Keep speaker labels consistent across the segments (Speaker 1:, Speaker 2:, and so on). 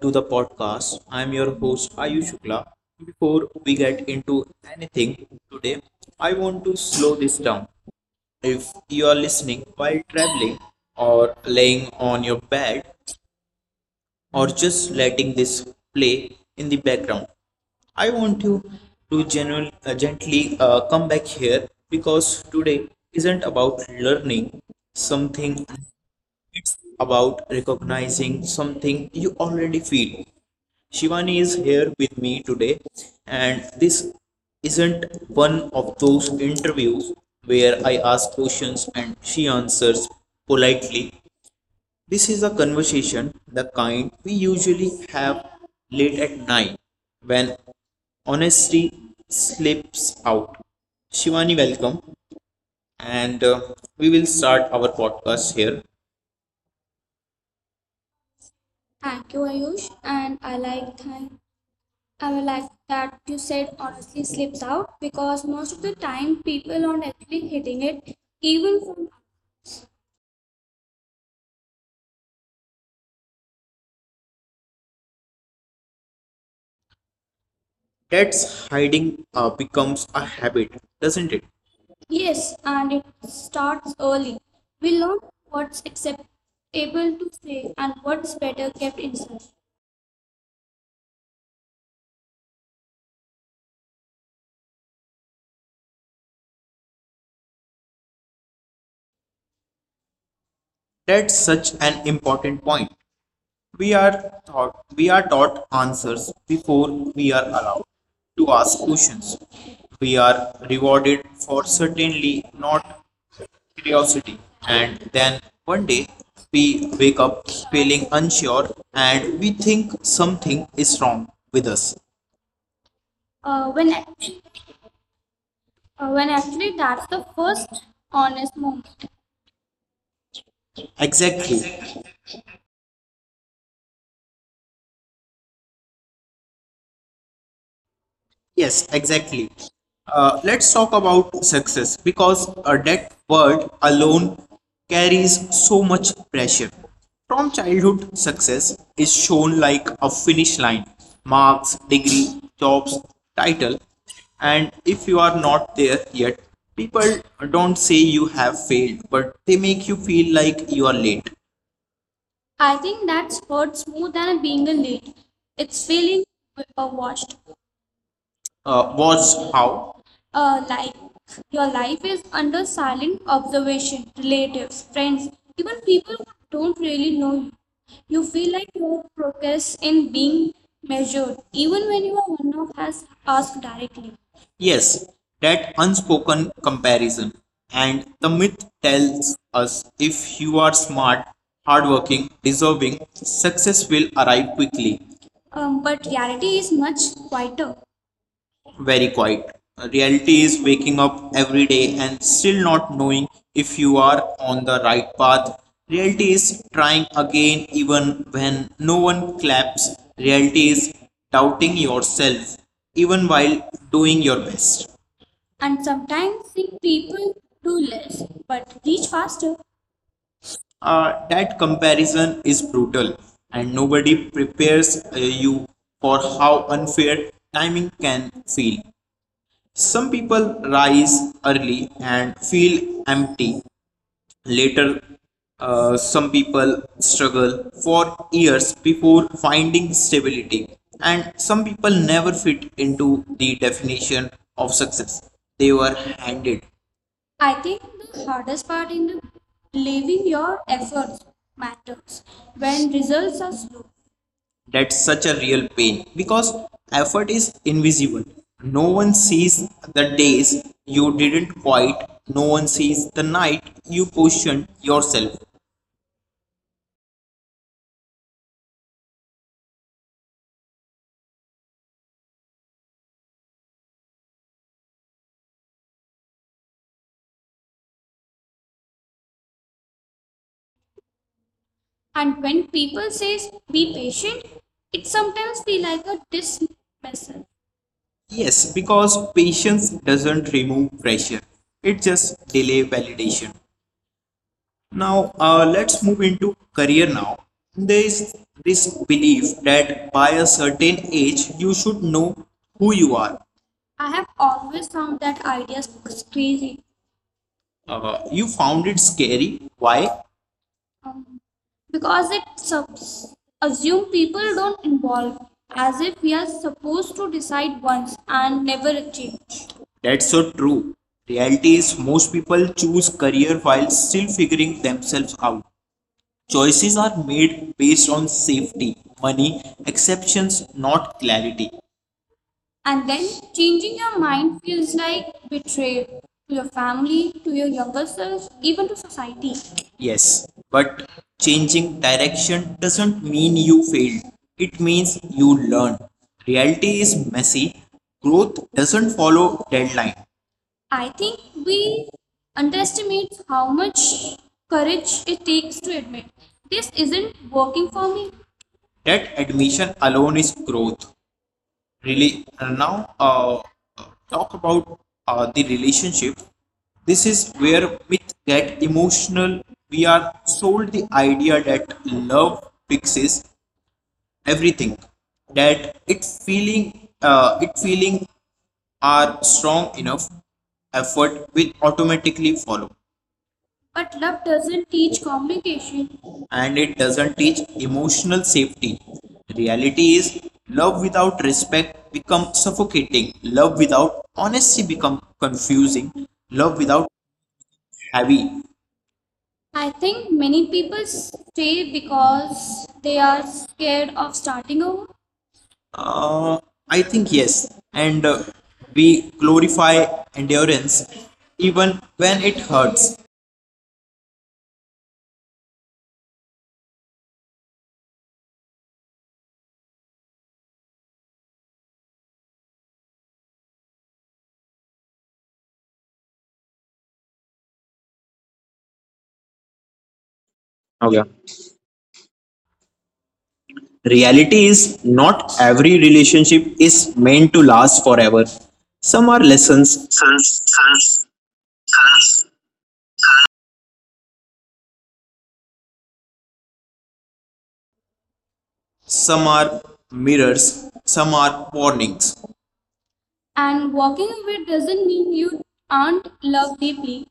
Speaker 1: to the podcast. I'm your host Ayush Shukla. Before we get into anything today, I want to slow this down. If you are listening while traveling or laying on your bed, or just letting this play in the background. I want you to gently come back here because today isn't about learning something, it's about recognizing something you already feel. Shivani is here with me today, and this isn't one of those interviews where I ask questions and she answers politely. This is a conversation, the kind we usually have late at night when honesty slips out. Shivani, welcome, and we will start our podcast here. Thank you, Ayush. And I would like that you said honestly slips out because most of the time people aren't actually hitting it, even from. That's hiding becomes a habit, doesn't it? Yes, and it starts early. We learn what's acceptable to say and what's better kept inside. That's such an important point. We are taught answers before we are allowed to ask questions. We are rewarded for certainly not curiosity, and then one day we wake up feeling unsure and we think something is wrong with us. Uh, when when actually that's the first honest moment. Exactly. Yes, exactly. Let's talk about success because that word alone carries so much pressure. From childhood, success is shown like a finish line marks, degree, jobs, title. And if you are not there yet, people don't say you have failed, but they make you feel like you are late. I think that's hurts more than being a late. It's feeling overwatched was how? Like your life is under silent observation, relatives, friends, even people who don't really know you. You feel like your progress in being measured, even when your one-off has asked directly. Yes, that unspoken comparison. And the myth tells us if you are smart, hardworking, deserving, success will arrive quickly. But reality is much quieter very quiet. Reality is waking up every day and still not knowing if you are on the right path. Reality is trying again even when no one claps. Reality is doubting yourself even while doing your best. And sometimes sick people do less but reach faster. That comparison is brutal, and nobody prepares you for how unfair timing can feel. Some people rise early and feel empty later. Some people struggle for years before finding stability, and some people never fit into the definition of success they were handed. I think the hardest part in believing your efforts matters when results are slow, that's such a real pain because effort is invisible. No one sees the days you didn't quite, no one sees the night you questioned yourself. And when people says be patient, it sometimes feel like a dismissal. Yes, because patience doesn't remove pressure, it just delay validation. Now, let's move into career now. There is this belief that by a certain age, you should know who you are. I have always found that idea crazy. You found it scary. Why? um, because it assume people don't involve, as if we are supposed to decide once and never change. That's so true. Reality is most people choose career while still figuring themselves out. Choices are made based on safety, money, exceptions, not clarity. And then changing your mind feels like betrayal to your family, to your younger self, even to society. Yes, but changing direction doesn't mean you failed. It means you learn. Reality is messy. Growth doesn't follow deadline. I think we underestimate how much courage it takes to admit this isn't working for me. That admission alone is growth. Really. Now talk about the relationship. This is where we get emotional. We are sold the idea that love fixes everything. That it feeling are strong enough, effort will automatically follow. But love doesn't teach communication. And it doesn't teach emotional safety. Reality is love without respect becomes suffocating. Love without honesty becomes confusing. Love without heavy. I think many people stay because they are scared of starting over. Uh, I think yes, and we glorify endurance even when it hurts.
Speaker 2: Okay.
Speaker 1: Reality
Speaker 2: Reality is,
Speaker 1: is not
Speaker 2: not every
Speaker 1: every
Speaker 2: relationship
Speaker 1: relationship
Speaker 2: is
Speaker 1: is meant
Speaker 2: meant to
Speaker 1: to
Speaker 2: last
Speaker 1: last
Speaker 2: forever.
Speaker 1: forever. Some
Speaker 2: Some are
Speaker 1: are
Speaker 2: lessons,
Speaker 1: lessons, some are mirrors, some are warnings. And walking away doesn't mean you aren't loved deeply.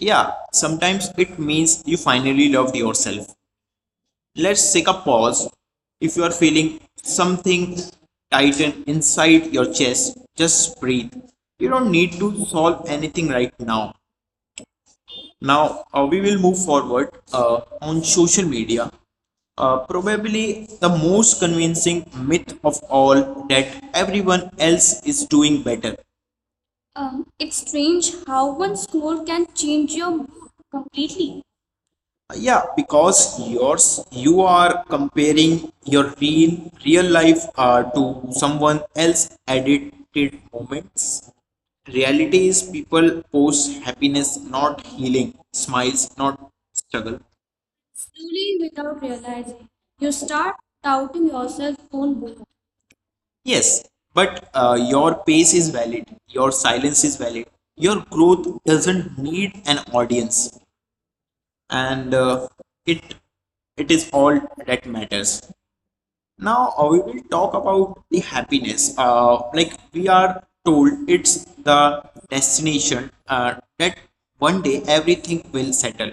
Speaker 1: Yeah, sometimes it means you finally loved yourself. Let's take a pause. If you are feeling something tighten inside your chest, just breathe. You don't need to solve anything right now. Now, we will move forward on social media. Probably the most convincing myth of all that everyone else is doing better. It's strange how one scroll can change your mood completely. Yeah, because you are comparing your real life to someone else edited moments. Reality is people post happiness, not healing, smiles, not struggle. Slowly, without realizing, you start doubting yourself own worth. Yes, but your pace is valid, your silence is valid, your growth doesn't need an audience and it it is all that matters. Now, we will talk about the happiness. Like we are told, it's the destination that one day everything will settle.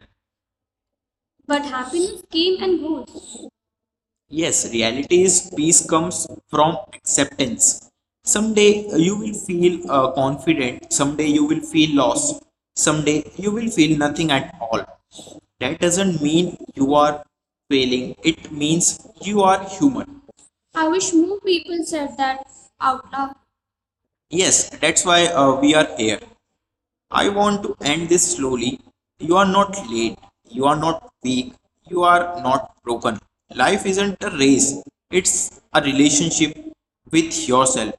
Speaker 1: But happiness came and goes. Yes, reality is peace comes from acceptance. Someday you will feel confident, someday you will feel lost, someday you will feel nothing at all. That doesn't mean you are failing, it means you are human. I wish more people said that out loud. Yes, that's why we are here. I want to end this slowly. You are not late. You are not weak. You are not broken. Life isn't a race, it's a relationship with yourself.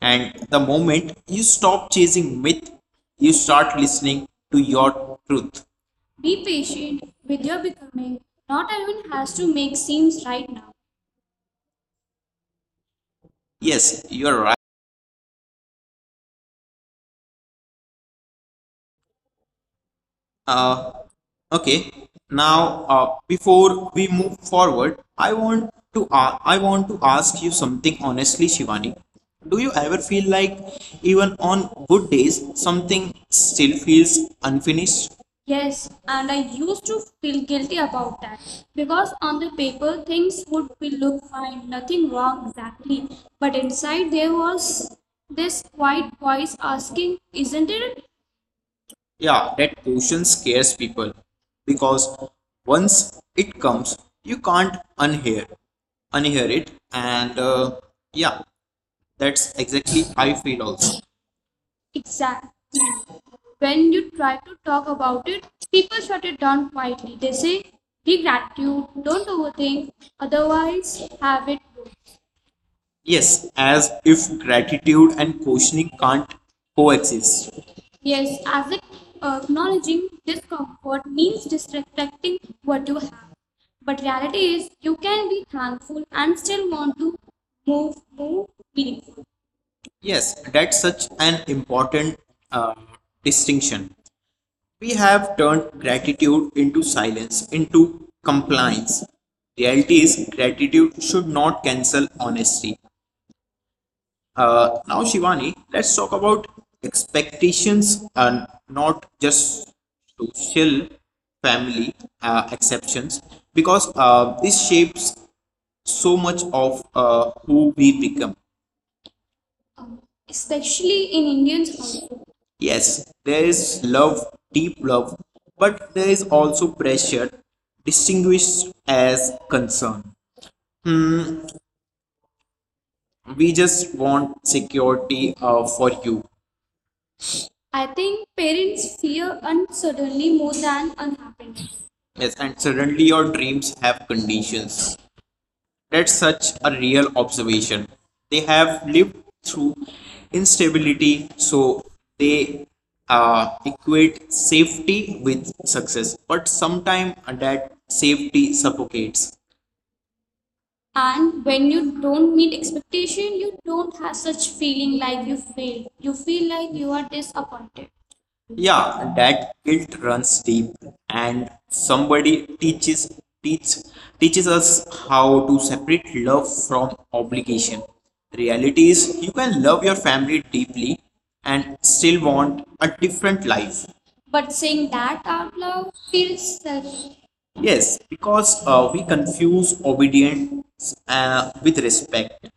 Speaker 1: And the moment you stop chasing myth, you start listening to your truth. Be patient with your becoming. Not everyone has to make seems right now. Yes, you are right. Uh, okay. Now, before we move forward, I want to ask you something honestly, Shivani. Do you ever feel like, even on good days, something still feels unfinished? Yes, and I used to feel guilty about that because on the paper things would be look fine, nothing wrong exactly. But inside there was this quiet voice asking, isn't it yeah that question scares people because once it comes you can't unhear it and yeah that's exactly I feel also. Exact. When you try to talk about it, people shut it down quietly. They say, be gratitude, don't overthink, otherwise have it. Yes, as if gratitude and questioning can't coexist. Yes, as if acknowledging discomfort means disrespecting what you have. But reality is you can be thankful and still want to move meaningful. Yes, that's such an important uh, distinction. We have turned gratitude into silence, into compliance. Reality is gratitude should not cancel honesty. Now, Shivani, let's talk about expectations and not just social family exceptions because this shapes so much of who we become. Especially in Indian household. Yes, there is love, deep love, but there is also pressure distinguished as concern. We just want security for you. I think parents fear uncertainty more than unhappiness. Yes, and suddenly your dreams have conditions. That's such a real observation. They have lived through instability, so they equate safety with success. But sometimes that safety suffocates. And when you don't meet expectation, you don't have such feeling like you failed. You feel like you are disappointed. Yeah, that guilt runs deep, and somebody teach teaches us how to separate love from obligation. Reality is, you can love your family deeply and still want a different life. But saying that out loud feels selfish. Yes, because we confuse obedience with respect.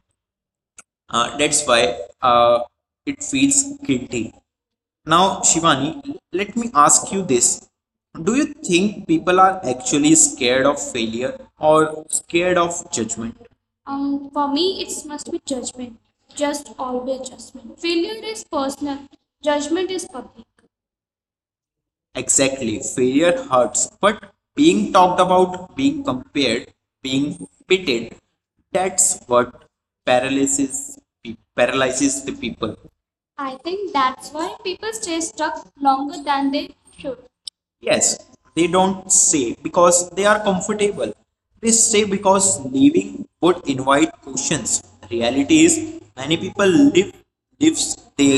Speaker 1: That's why uh, it feels guilty. Now, Shivani, let me ask you this. Do you think people are actually scared of failure or scared of judgment? For me, it must be judgment. Just always judgment. Failure is personal, judgment is public. Exactly. Failure hurts, but being talked about, being compared, being pitted, that's what paralyzes the people. I think that's why people stay stuck longer than they should. Yes, they don't say because they are comfortable. They say because living would invite questions. Reality is many people live lives they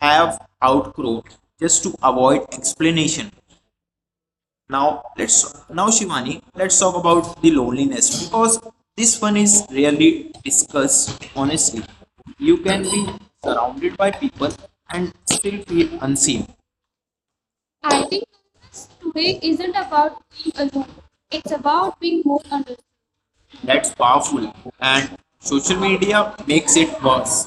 Speaker 1: have outgrown just to avoid explanation. Now let's now Shivani, let's talk about the loneliness because this one is rarely discussed honestly. You can be surrounded by people and still feel unseen. I think progress today isn't about being alone, it's about being more understood. That's powerful. And social media makes it worse.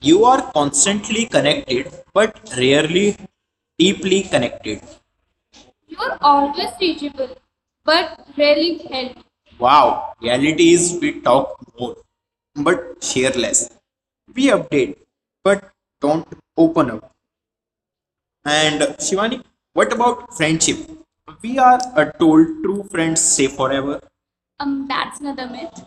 Speaker 1: You are constantly connected, but rarely deeply connected. You're always reachable, but rarely held. Wow, reality is we talk more, but share less. We update, but don't open up. And Shivani, what about friendship? We are told true friends stay forever. That's another myth.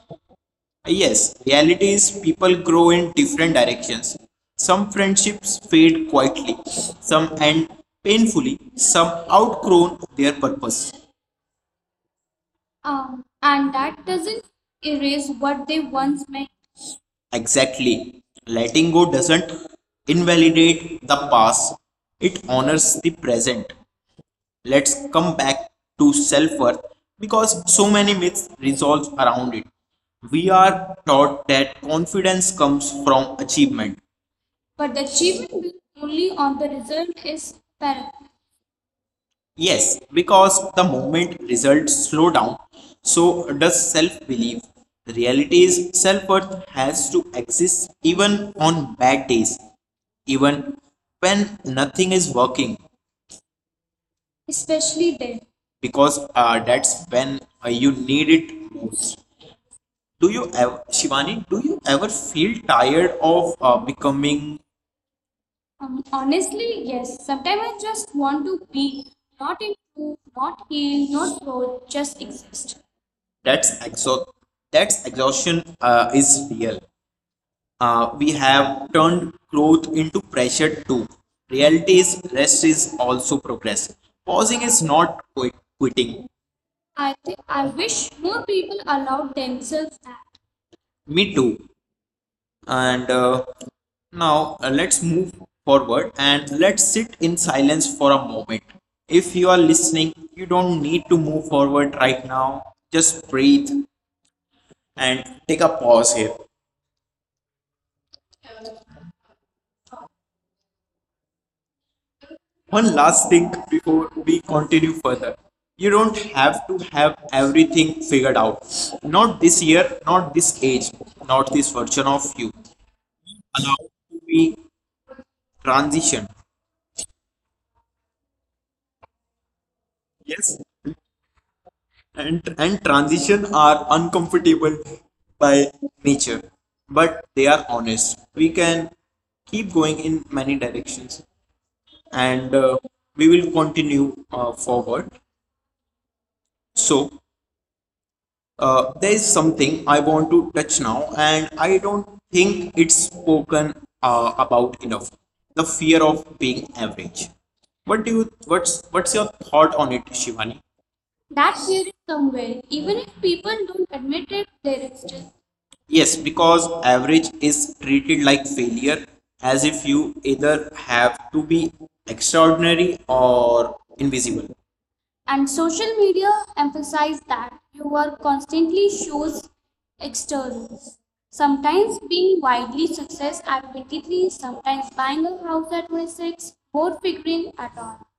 Speaker 1: Yes, reality is people grow in different directions. Some friendships fade quietly, some end painfully, some outgrown their purpose. And that doesn't erase what they once meant. Exactly. Letting go doesn't invalidate the past, it honors the present. Let's come back to self worth because so many myths revolve around it. We are taught that confidence comes from achievement. But the achievement built only on the result is apparent. Yes, because the moment results slow down, so does self belief. Reality is self worth has to exist even on bad days, even when nothing is working, especially then. Because that's when you need it most. Do you ever feel tired of becoming? Honestly, yes. Sometimes I just want to be, not improve, not heal, not grow, just exist. That's exo that's exhaustion is real. We have turned growth into pressure too. Reality is rest is also progress. Pausing is not quitting. I think I wish more people allowed themselves that. Me too. And now let's move forward and let's sit in silence for a moment. If you are listening, you don't need to move forward right now. Just breathe and take a pause here. One last thing before we continue further. You don't have to have everything figured out. Not this year, not this age, not this version of you. Allow to be transition, yes, and transition are uncomfortable by nature, but they are honest. We can keep going in many directions and we will continue forward. So there is something I want to touch now, and I don't think it's spoken about enough: the fear of being average. What's your thought on it, Shivani? That there is somewhere, even if people don't admit it, there exists. Yes, because average is treated like failure, as if you either have to be extraordinary or invisible. And social media emphasize that your work constantly shows externals. Sometimes being widely success at 23, sometimes buying a house at 26, or figuring at all,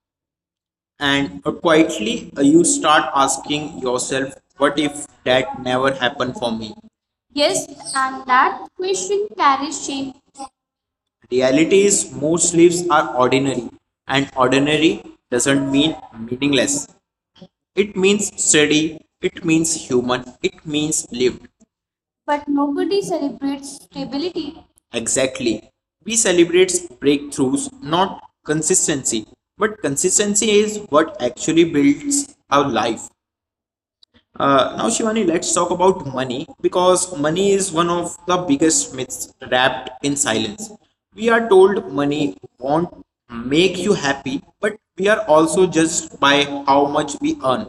Speaker 1: and quietly you start asking yourself, what if that never happened for me? Yes, and that question carries shame. Reality is most lives are ordinary, and ordinary doesn't mean meaningless. It means steady, it means human, it means lived. But nobody celebrates stability. Exactly. We celebrate breakthroughs, not consistency. But consistency is what actually builds our life. Now, Shivani, let's talk about money, because money is one of the biggest myths wrapped in silence. We are told money won't make you happy, but we are also judged by how much we earn.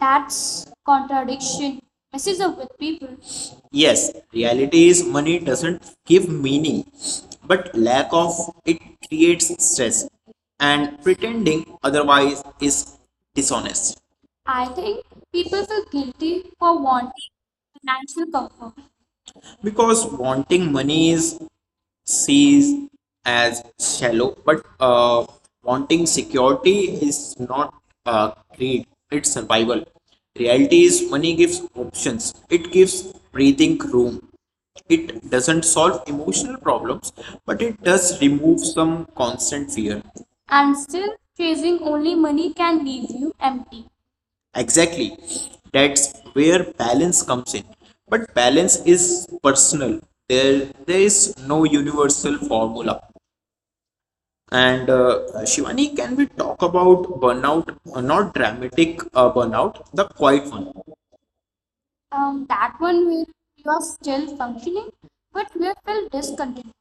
Speaker 1: That's contradiction. Messes up with people. Yes, reality is money doesn't give meaning, but lack of it creates stress, and pretending otherwise is dishonest. I think people feel guilty for wanting financial comfort. Because wanting money is sees as shallow, but wanting security is not greed, it's survival. Reality is money gives options, it gives breathing room. It doesn't solve emotional problems, but it does remove some constant fear. And still, chasing only money can leave you empty. Exactly. That's where balance comes in. But balance is personal. There is no universal formula. And Shivani, can we talk about burnout? Not dramatic burnout, the quiet one. That one where you are still functioning, but you feel discontent.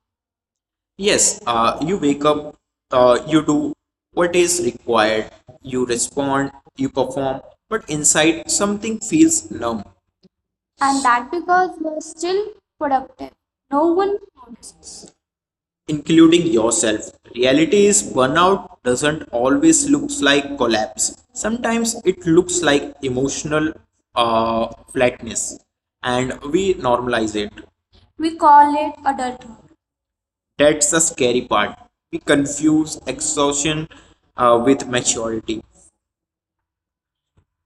Speaker 1: Yes, you wake up, you do what is required, you respond, you perform, but inside something feels numb. And that because we're still productive, no one notices, including yourself. Reality is burnout doesn't always looks like collapse. Sometimes it looks like emotional uh, flatness, and we normalize it. We call it adulthood. That's the scary part. We confuse exhaustion with maturity.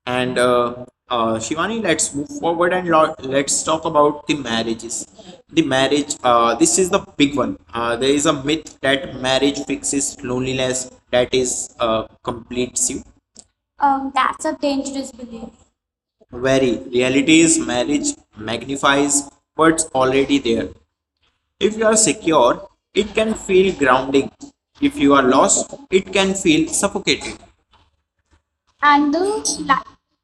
Speaker 1: And Shivani, let's move forward and let's talk about the marriages. The marriage, this is the big one. There is a myth that marriage fixes loneliness, that is, completes you. That's a dangerous belief. Very. Reality is marriage magnifies what's already there. If you are secure, it can feel grounding. If you are lost, it can feel suffocating. And the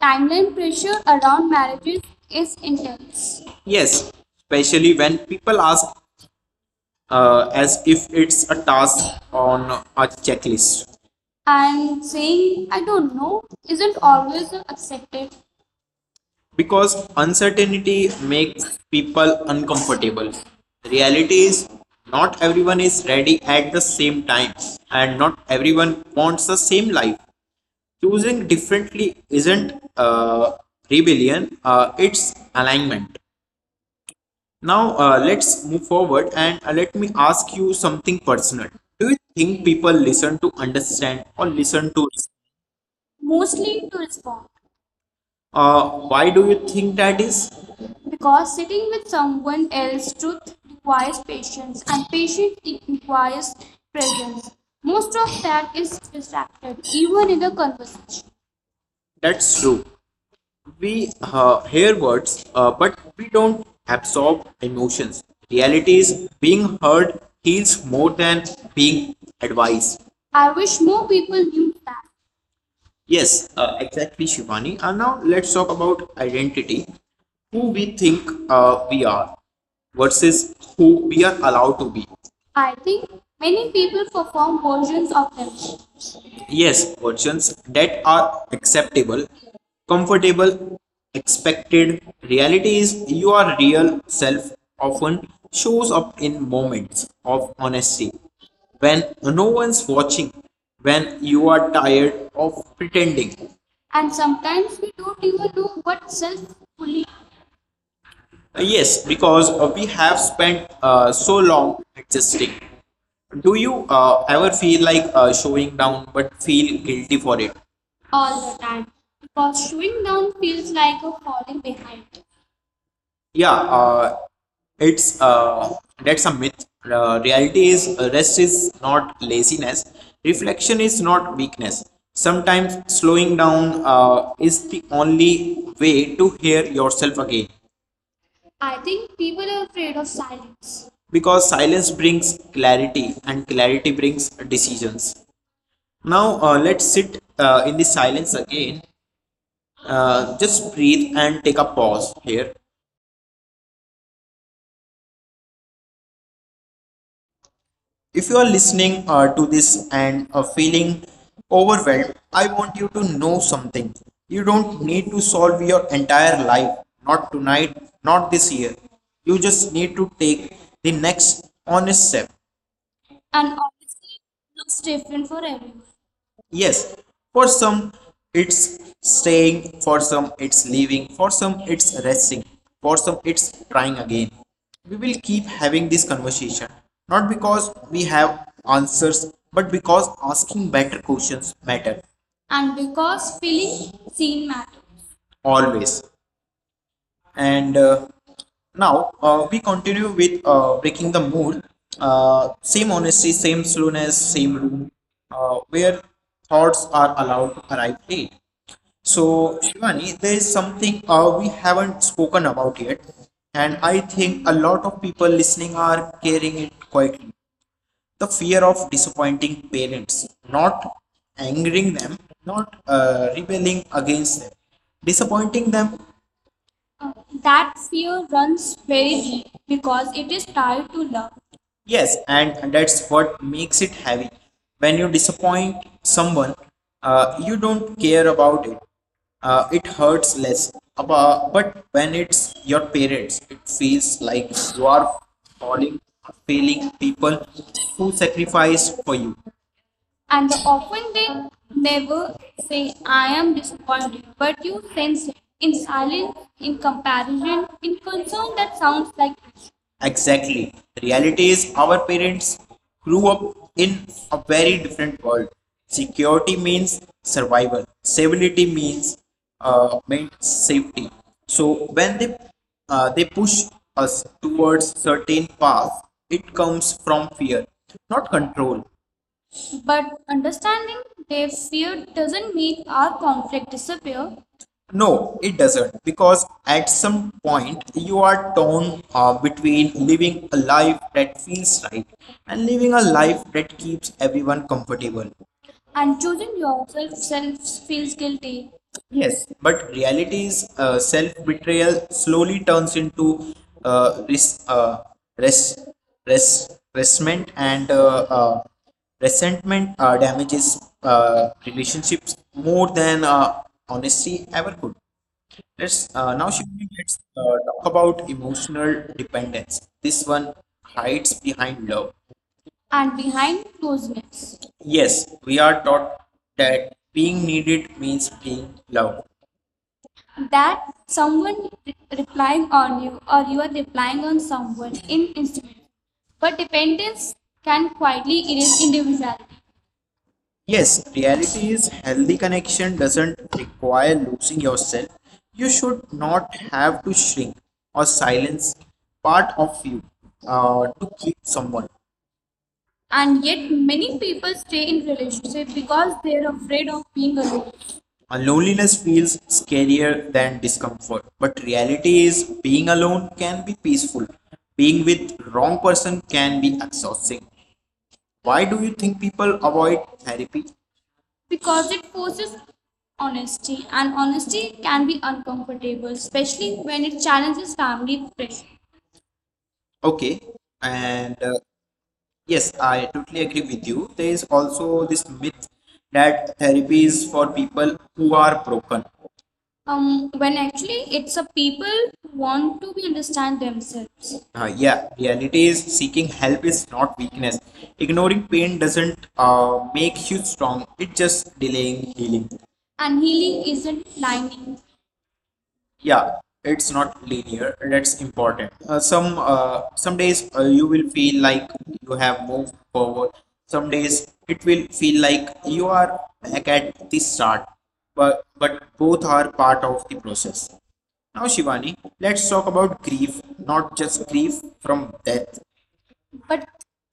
Speaker 1: timeline pressure around marriages is intense. Yes, especially when people ask as if it's a task on a checklist. And saying, I don't know, isn't always accepted. Because uncertainty makes people uncomfortable. The reality is not everyone is ready at the same time, and not everyone wants the same life. Choosing differently isn't rebellion, it's alignment. Now let's move forward and let me ask you something personal. Do you think people listen to understand or listen to respond? Mostly to respond. Why do you think that is? Because sitting with someone else's truth requires patience, and patience requires presence. Most of that is distracted, even in a conversation. That's true. We hear words, but we don't absorb emotions. Reality is being heard heals more than being advised. I wish more people knew that. Yes, exactly, Shivani. And now let's talk about identity, who we think we are versus who we are allowed to be. I think many people perform versions of themselves. Yes, questions that are acceptable, comfortable, expected. Reality is your real self often shows up in moments of honesty, when no one's watching, when you are tired of pretending. And sometimes we don't even know what self fully. Yes, because we have spent so long adjusting. Do you ever feel like showing down but feel guilty for it? All the time, because showing down feels like a falling behind. Yeah, it's that's a myth. Reality is rest is not laziness. Reflection is not weakness. Sometimes slowing down is the only way to hear yourself again. I think people are afraid of silence. Because silence brings clarity, and clarity brings decisions. Now let's sit in the silence again. Uh, just breathe and take a pause here. If you are listening to this and feeling overwhelmed, I want you to know something. You don't need to solve your entire life, not tonight, not this year. You just need to take the next honest step. And obviously, it looks different for everyone. Yes, for some it's staying, for some it's leaving, for some it's resting, for some it's trying again. We will keep having this conversation, not because we have answers, but because asking better questions matter. And because feeling seen matters. Always. And now we continue with breaking the mood. Same honesty, same slowness, same room, where thoughts are allowed to arrive late. So, Shivani, there is something we haven't spoken about yet, and I think a lot of people listening are carrying it quietly. The fear of disappointing parents, not angering them, not rebelling against them, disappointing them. That fear runs very deep because it is tied to love. Yes, and that's what makes it heavy. When you disappoint someone, you don't care about it. It hurts less. But when it's your parents, it feels like you are falling, failing people who sacrificed for you. And often they never say, I am disappointed, but you sense it in silence, in comparison, in concern that sounds like action. Exactly. The reality is our parents grew up in a very different world. Security means survival. Stability means means safety. So when they push us towards certain path, it comes from fear, not control. But understanding they feared doesn't make our conflict disappear. No, it doesn't, because at some point you are torn between living a life that feels right and living a life that keeps everyone comfortable. And choosing yourself self feels guilty. Yes, but reality's self-betrayal slowly turns into uh, res uh, res resentment and resentment damages relationships more than honesty ever could. Let's now, Shivani, let's talk about emotional dependence. This one hides behind love and behind closeness. Yes, we are taught that being needed means being loved, that someone replying on you or you are replying on someone in instrument. But dependence can quietly erase individuality. Yes, reality is healthy connection doesn't require losing yourself. You should not have to shrink or silence part of you to keep someone. And yet many people stay in relationships because they're afraid of being alone. Loneliness feels scarier than discomfort, but reality is being alone can be peaceful. Being with wrong person can be exhausting. Why do you think people avoid therapy? Because it forces honesty, and honesty can be uncomfortable, especially when it challenges family pressure. Okay, and yes, I totally agree with you. There is also this myth that therapy is for people who are broken. When actually it's a people who want to be understand themselves. Yeah, reality is seeking help is not weakness. Ignoring pain doesn't make you strong, it's just delaying healing. And healing isn't lying. Yeah, it's not linear. That's important. Some days you will feel like you have moved forward. Some days it will feel like you are back at the start. But both are part of the process. Now, Shivani, let's talk about grief, not just grief from death, but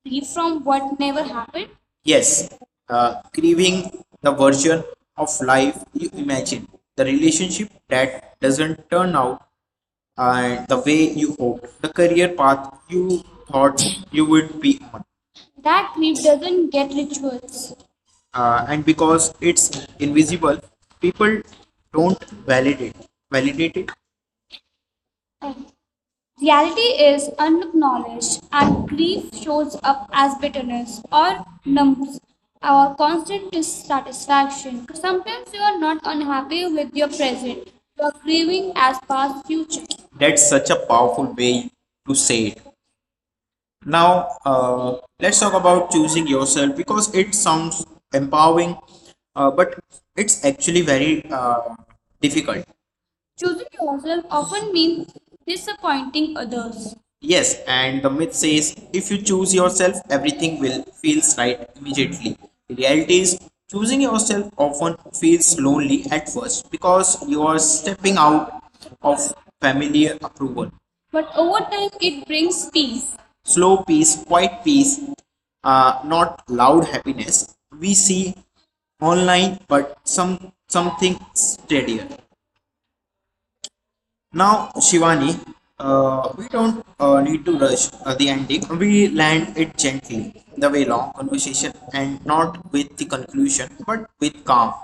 Speaker 1: free from what never happened. Yes, craving the version of life you imagine, the relationship that doesn't turn out and the way you hoped, the career path you thought you would be on. That grief doesn't get rituals. And because it's invisible, people don't validate it. Reality is unacknowledged, and grief shows up as bitterness or numbs or constant dissatisfaction. Sometimes you are not unhappy with your present, you are grieving as past future. That's such a powerful way to say it. Now, let's talk about choosing yourself, because it sounds empowering, but it's actually very difficult. Choosing yourself often means disappointing others. Yes, and the myth says if you choose yourself, everything will feels right immediately. The reality is choosing yourself often feels lonely at first, because you are stepping out of familiar approval. But over time, it brings peace. Slow peace, quiet peace, not loud happiness we see online, but some something steadier. Now, Shivani, we don't need to rush the ending. We land it gently, the way long conversation, and not with the conclusion, but with calm.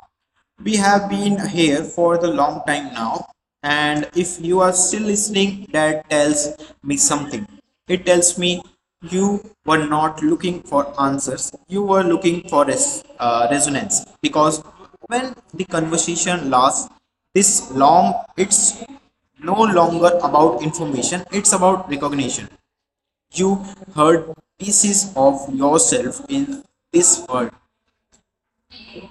Speaker 1: We have been here for the long time now, and if you are still listening, that tells me something. It tells me you were not looking for answers, you were looking for resonance. Because when the conversation lasts this long, it's no longer about information, it's about recognition. You heard pieces of yourself in this word.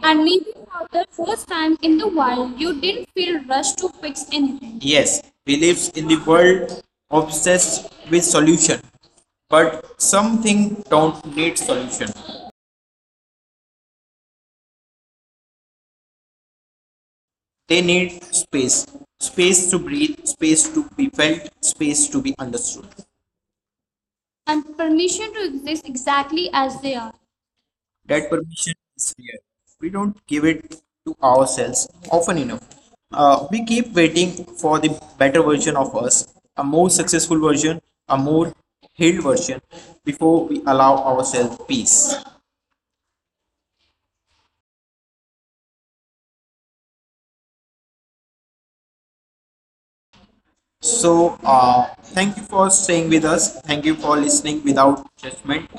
Speaker 1: And maybe for the first time in the while, you didn't feel rushed to fix anything. Yes, we live in the world obsessed with solution, but something don't need solution. They need space. Space to breathe, space to be felt, space to be understood. And permission to exist exactly as they are. That permission is there. We don't give it to ourselves often enough. We keep waiting for the better version of us, a more successful version, a more healed version, before we allow ourselves peace. So, thank you for staying with us. Thank you for listening without judgment.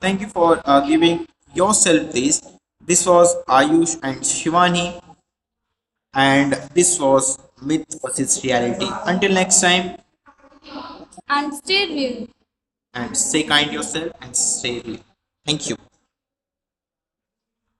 Speaker 1: Thank you for giving yourself this. This was Ayush and Shivani, and this was Myth versus Reality. Until next time, and stay real. And stay kind yourself and stay real. Thank you.